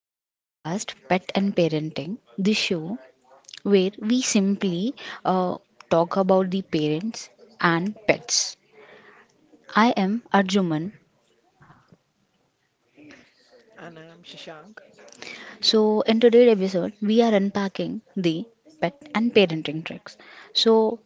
to the podcast Pet and Parenting, the show where we simply uh, talk about the parents and pets. I am Arjuman. And I'm Shashank. So, in today's episode, we are unpacking the pet and parenting tricks. So,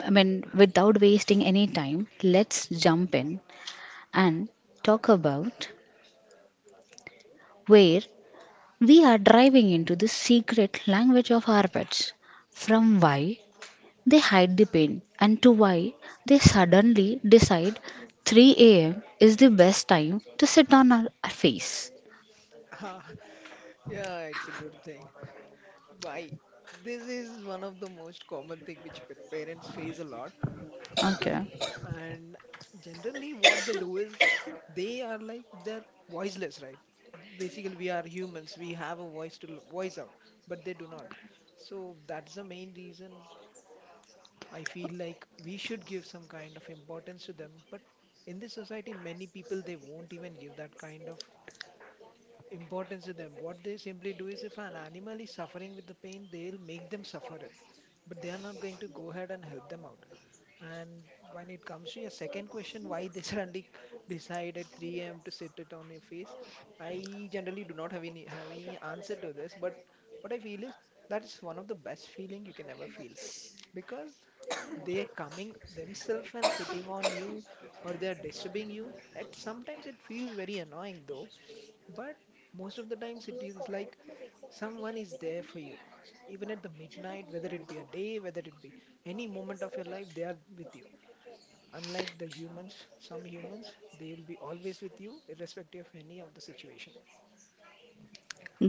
I mean, without wasting any time, let's jump in and talk about where we are driving into the secret language of our pets. From why they hide the pain, and to why they suddenly decide 3 a.m. is the best time to sit on our face. Yeah, it's a good thing. Why? This is one of the most common thing which parents face a lot. Okay, And generally, what they do is they are like they're voiceless, right? Basically, we are humans. We have a voice to voice out, but they do not. So that's the main reason I feel like we should give some kind of importance to them. But in this society, many people they won't even give that kind of importance to them. What they simply do is if an animal is suffering with the pain, they'll make them suffer it. But they are not going to go ahead and help them out. And when it comes to your second question, why they suddenly decide at 3 a.m. to sit it on your face, I generally do not have any answer to this. But what I feel is that is one of the best feeling you can ever feel because they are coming themselves and sitting on you or they are disturbing you. At sometimes it feels very annoying though, but most of the times it is like someone is there for you. Even at the midnight, whether it be a day, whether it be any moment of your life, they are with you. Unlike the humans, some humans, they will be always with you, irrespective of any of the situation.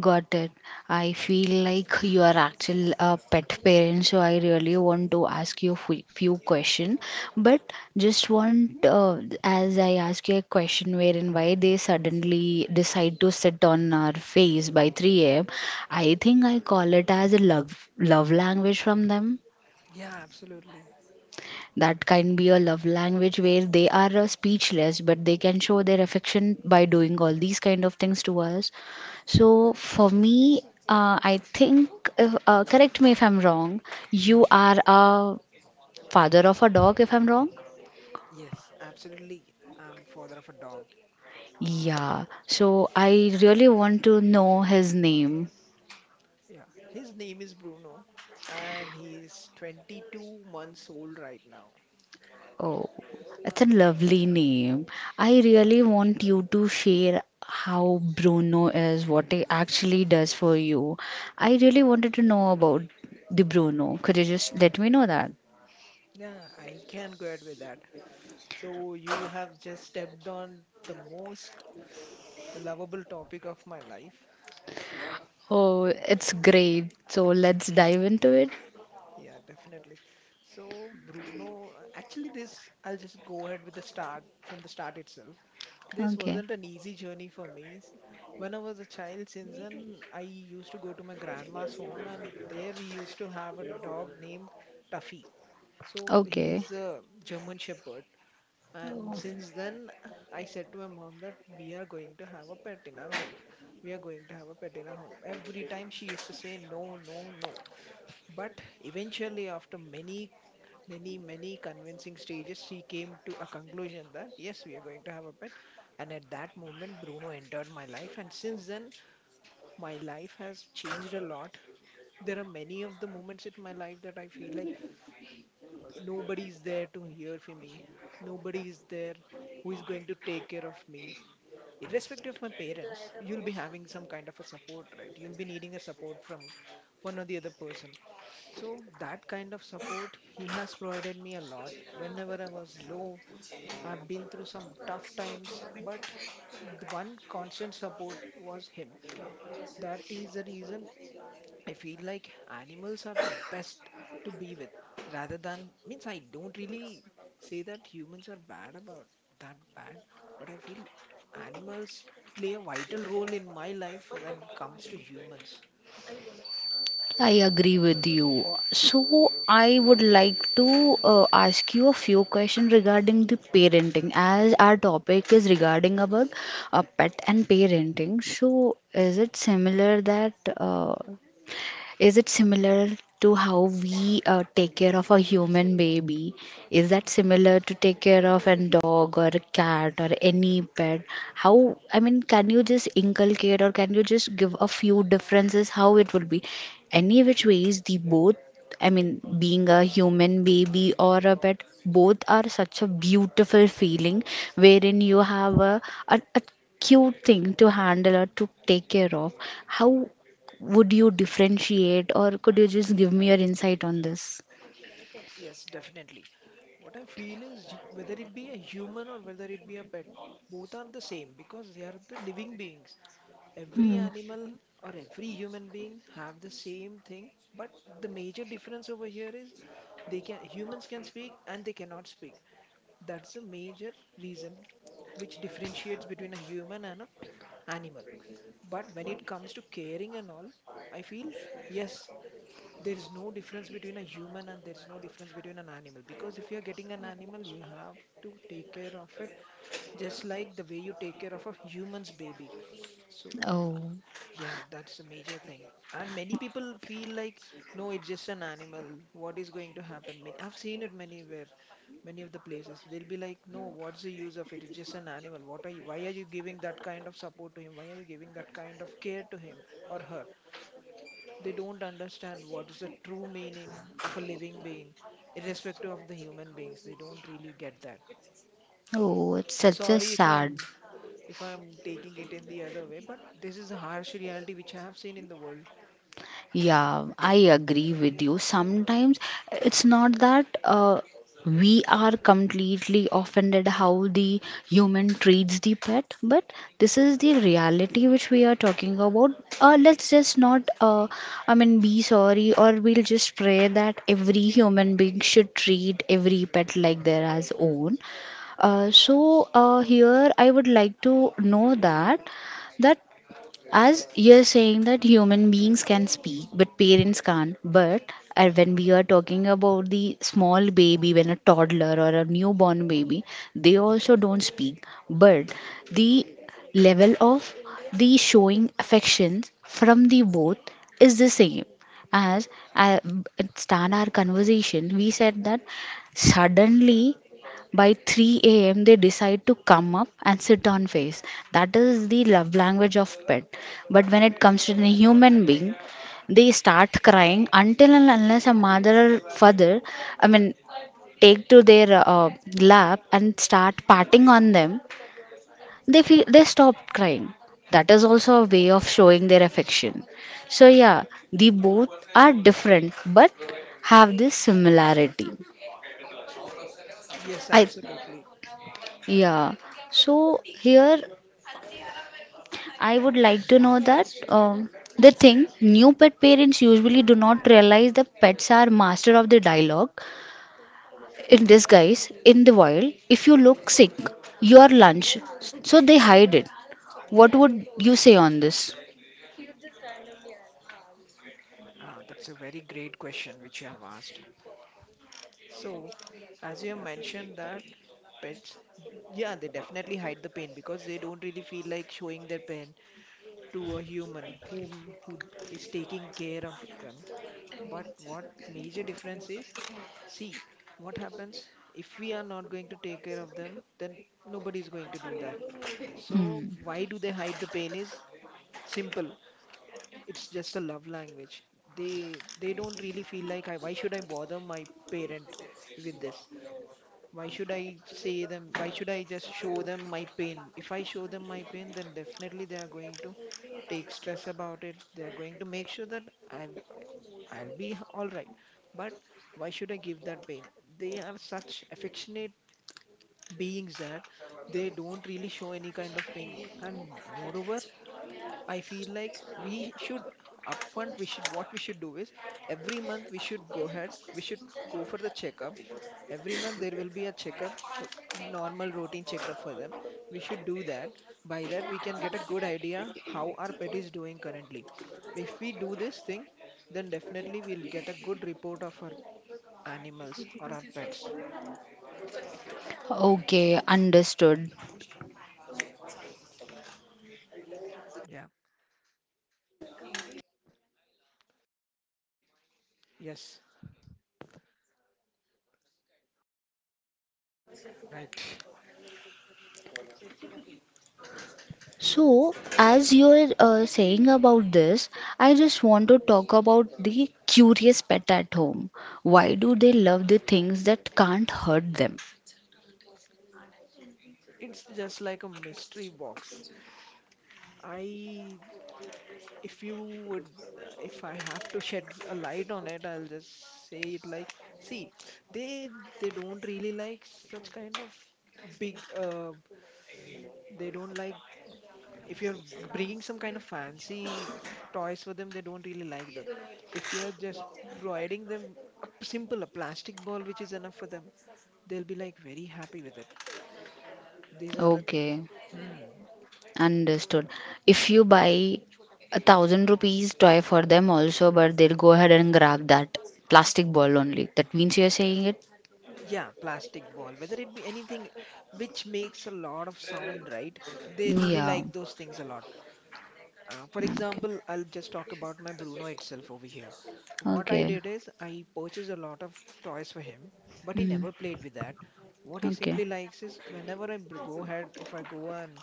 got it. I feel like you are actual a pet parent, so I really want to ask you a few questions. But just want, as I ask you a question wherein why they suddenly decide to sit on our face by 3 a.m. I think I call it as a love language from them. Yeah, absolutely. That can be a love language where they are speechless, but they can show their affection by doing all these kind of things to us. So for me, I think, if, correct me if I'm wrong, you Mhm. are a father of a dog, if I'm wrong. Yes, absolutely. I'm father of a dog. Yeah, so I really want to know his name. Yeah, his name is Bruno, and he is 22 months old right now. Oh, that's a lovely name. I really Thank you. want you to share how Bruno is, what it actually does for you. I really wanted to know about the Bruno. Could you just let me know that? Yeah, I can go ahead with that. So you have just stepped on the most lovable topic of my life. Oh, it's great. So let's dive into it. Yeah, definitely. So Bruno, actually this I'll just go ahead with the start from the start itself. This Okay. wasn't an easy journey for me. When I was a child, since then I used to go to my grandma's home, and there we used to have a dog named Tuffy. So Okay. he's a German Shepherd. And since then, I said to my mom that we are going to have a pet in our home. We are going to have a pet in our home. Every time she used to say no, no, no. But eventually, after many, many, many convincing stages, she came to a conclusion that yes, we are going to have a pet. And at that moment, Bruno entered my life. And since then, my life has changed a lot. There are many of the moments in my life that I feel like nobody is there to hear for me. Nobody is there who is going to take care of me irrespective of my parents, you'll be having some kind of a support, right? You'll be needing a support from one or the other person. So that kind of support he has provided me a lot. Whenever I was low, I've been through some tough times, but the one constant support was him. That is the reason I feel like animals are the best to be with rather than means I don't really say that humans are bad about that bad, but I feel animals play a vital role in my life when it comes to humans. I agree with you. So, I would like to ask you a few questions regarding the parenting, as our topic is regarding about pet and parenting. So, is it similar that is it similar to how we take care of a human baby? Is that similar to take care of a dog or a cat or any pet? How, I mean, can you just inculcate or can you just give a few differences how it would be? Any which ways, the both, I mean, being a human baby or a pet, both are such a beautiful feeling wherein you have a cute thing to handle or to take care of. How would you differentiate, or could you just give me your insight on this? Yes, definitely. What I feel is whether it be a human or whether it be a pet, both are the same because they are the living beings. Every Hmm. animal or every human being have the same thing, but the major difference over here is They can humans can speak and they cannot speak. That's a major reason which differentiates between a human and an animal. But when it comes to caring and all, I feel yes, there is no difference between a human and there is no difference between an animal because if you are getting an animal, you have to take care of it just like the way you take care of a human's baby. So Oh, yeah, that's a major thing. And many people feel like, no, it's just an animal. What is going to happen? Many, I've seen it many where, many of the places. They'll be like, no, what's the use of it? It's just an animal. What are you? Why are you giving that kind of support to him? Why are you giving that kind of care to him or her? They don't understand what is the true meaning of a living being, irrespective of the human beings. They don't really get that. oh, it's I'm such a sorry if sad. I'm taking it in the other way, but this is a harsh reality which I have seen in the world. Yeah, I agree with you. Sometimes it's not that we are completely offended how the human treats the pet, but this is the reality which we are talking about. Let's just not, I mean, be sorry, or we'll just pray that every human being should treat every pet like their as own. So here I would like to know that as you're saying that human beings can speak, but parents can't. But when we are talking about the small baby, when a toddler or a newborn baby, they also don't speak. But the level of the showing affections from the both is the same. As I start our conversation, we said that suddenly by 3 a.m., they decide to come up and sit on face. That is the love language of pet. But when it comes to the human being, they start crying until and unless a mother or father, I mean, take to their lap and start patting on them, they feel they stop crying. That is also a way of showing their affection. So yeah, the both are different, but have this similarity. Yes, I absolutely. yeah. So here I would like to know that the thing new pet parents usually do not realize the pets are master of the dialogue in disguise in the wild. If you look sick, your lunch, so they hide it. What would you say on this? That's a very great question which you have asked. So, as you have mentioned that pets, yeah, they definitely hide the pain because they don't really feel like showing their pain to a human who is taking care of them. But what major difference is, see, what happens if we are not going to take care of them, then nobody is going to do that. So, Hmm. why do they hide the pain is simple. It's just a love language. They don't really feel like I, why should I bother my parent with this? Why should I say them? Why should I just show them my pain? If I show them my pain, then definitely they are going to take stress about it. They are going to make sure that I'll I'll be all right. But why should I give that pain? They are such affectionate beings that they don't really show any kind of pain. And moreover, I feel like we should do is every month we should go for the checkup. Every month there will be a checkup, uh, normal routine checkup for them. We should do that. By that we can get a good idea how our pet is doing currently. If we do this thing, then definitely we'll get a good report of our animals or our pets. Okay, understood. Yeah, yes, all right. So, as you're saying about this, I just want to talk about the curious pet at home. Why do they love the things that can't hurt them? It's just like a mystery box. I If you would, If I have to shed a light on it, I'll just say it like, see, they they don't really like such kind of big. They don't like if you're bringing some kind of fancy toys for them. They don't really like that. If you're just providing them a simple a plastic ball which is enough for them, they'll be like very happy with it. These are the Okay. things. Hmm. Understood. If you buy a 1,000 rupees toy for them also, but they'll go ahead and grab that plastic ball only. That means you're saying it? Yeah, plastic ball, whether it be anything which makes a lot of sound, right? They really Yeah. like those things a lot. For example, Okay. I'll just talk about my Bruno itself over here. What I Okay. did is I purchased a lot of toys for him, but he Mm. never played with that. What he Okay. simply likes is whenever I br- go ahead, if I go and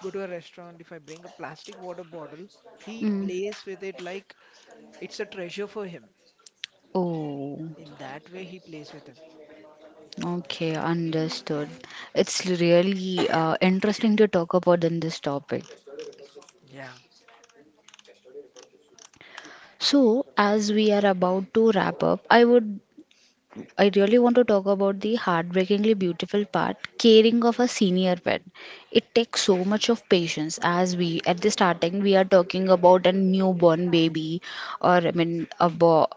go to a restaurant, if I bring a plastic water bottle, he Mm. plays with it like it's a treasure for him. Oh, In that way, he plays with him. okay, understood. It's really interesting to talk about in this topic. Yeah. So, as we are about to wrap up, I would I really want to talk about the heartbreakingly beautiful part caring of a senior pet. It takes so much of patience as we at the starting we are talking about a newborn baby or I mean a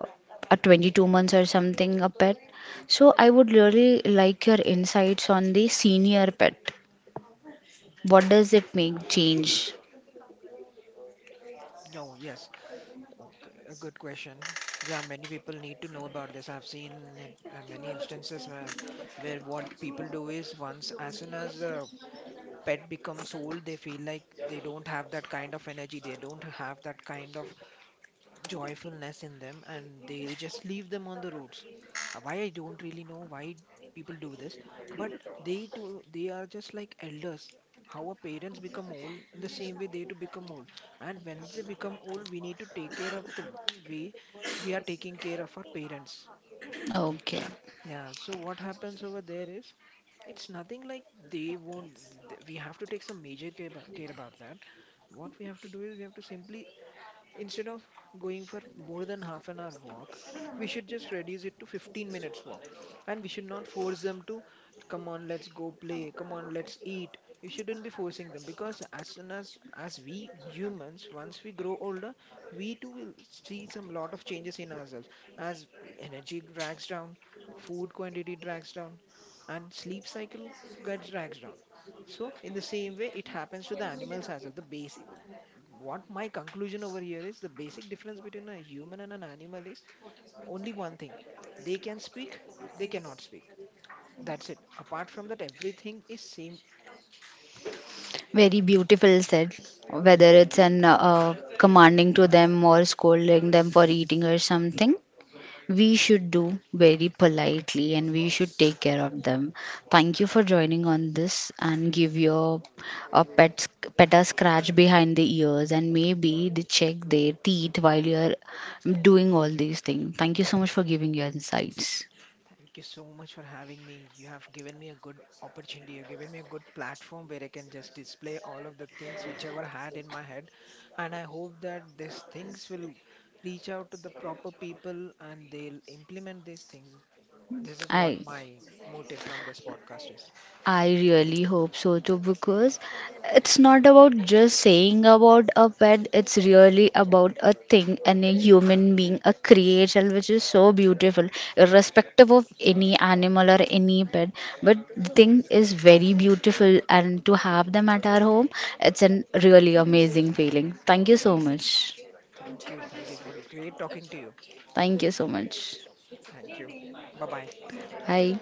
a 22 months or something a pet. So I would really like your insights on the senior pet. What does it make change? No, yes. Okay, a good question. Yeah, many people need to know about this. I've seen it many instances where what people do is once as soon as the pet becomes old, they feel like they don't have that kind of energy, they don't have that kind of joyfulness in them and they'll just leave them on the roads. Why, I don't really know why people do this, but they too they are just like elders. How our parents become old, in the same way they too become old. And when they become old we need to take care of the way we are taking care of our parents. Okay, Yeah, so what happens over there is it's nothing like they won't we have to take some major care, care about that. What we have to do is we have to simply, instead of going for more than half an hour walk, we should just reduce it to 15 minutes walk. And we should not force them to come on, let's go play, come on, let's eat. You shouldn't be forcing them because as soon as we humans, once we grow older, we too will see some lot of changes in ourselves as energy drags down, food quantity drags down, and sleep cycle gets drags down. So in the same way, it happens to the animals as well. The basic what my conclusion over here is the basic difference between a human and an animal is only one thing: they can speak, they cannot speak. That's it. Apart from that everything is same. very beautiful said. Whether it's an commanding to them or scolding them for eating or something, we should do very politely and we should take care of them. Thank you for joining on this and give your a pet a scratch behind the ears and maybe they check their teeth while you're doing all these things. Thank you so much for giving your insights. Thank you so much for having me. You have given me a good opportunity. You've given me a good platform where I can just display all of the things which ever had in my head. And I hope that these things will reach out to the proper people and they'll implement these things. This is what I my motive from this podcast is. I really hope so too because it's not about just saying about a pet, it's really about a thing and a human being, a creation which is so beautiful, irrespective of any animal or any pet. But the thing is very beautiful, and to have them at our home, it's a really amazing feeling. Thank you so much. Thank you. Thank you. It was great talking to you. Thank you so much. Thank you. Bye bye. Bye.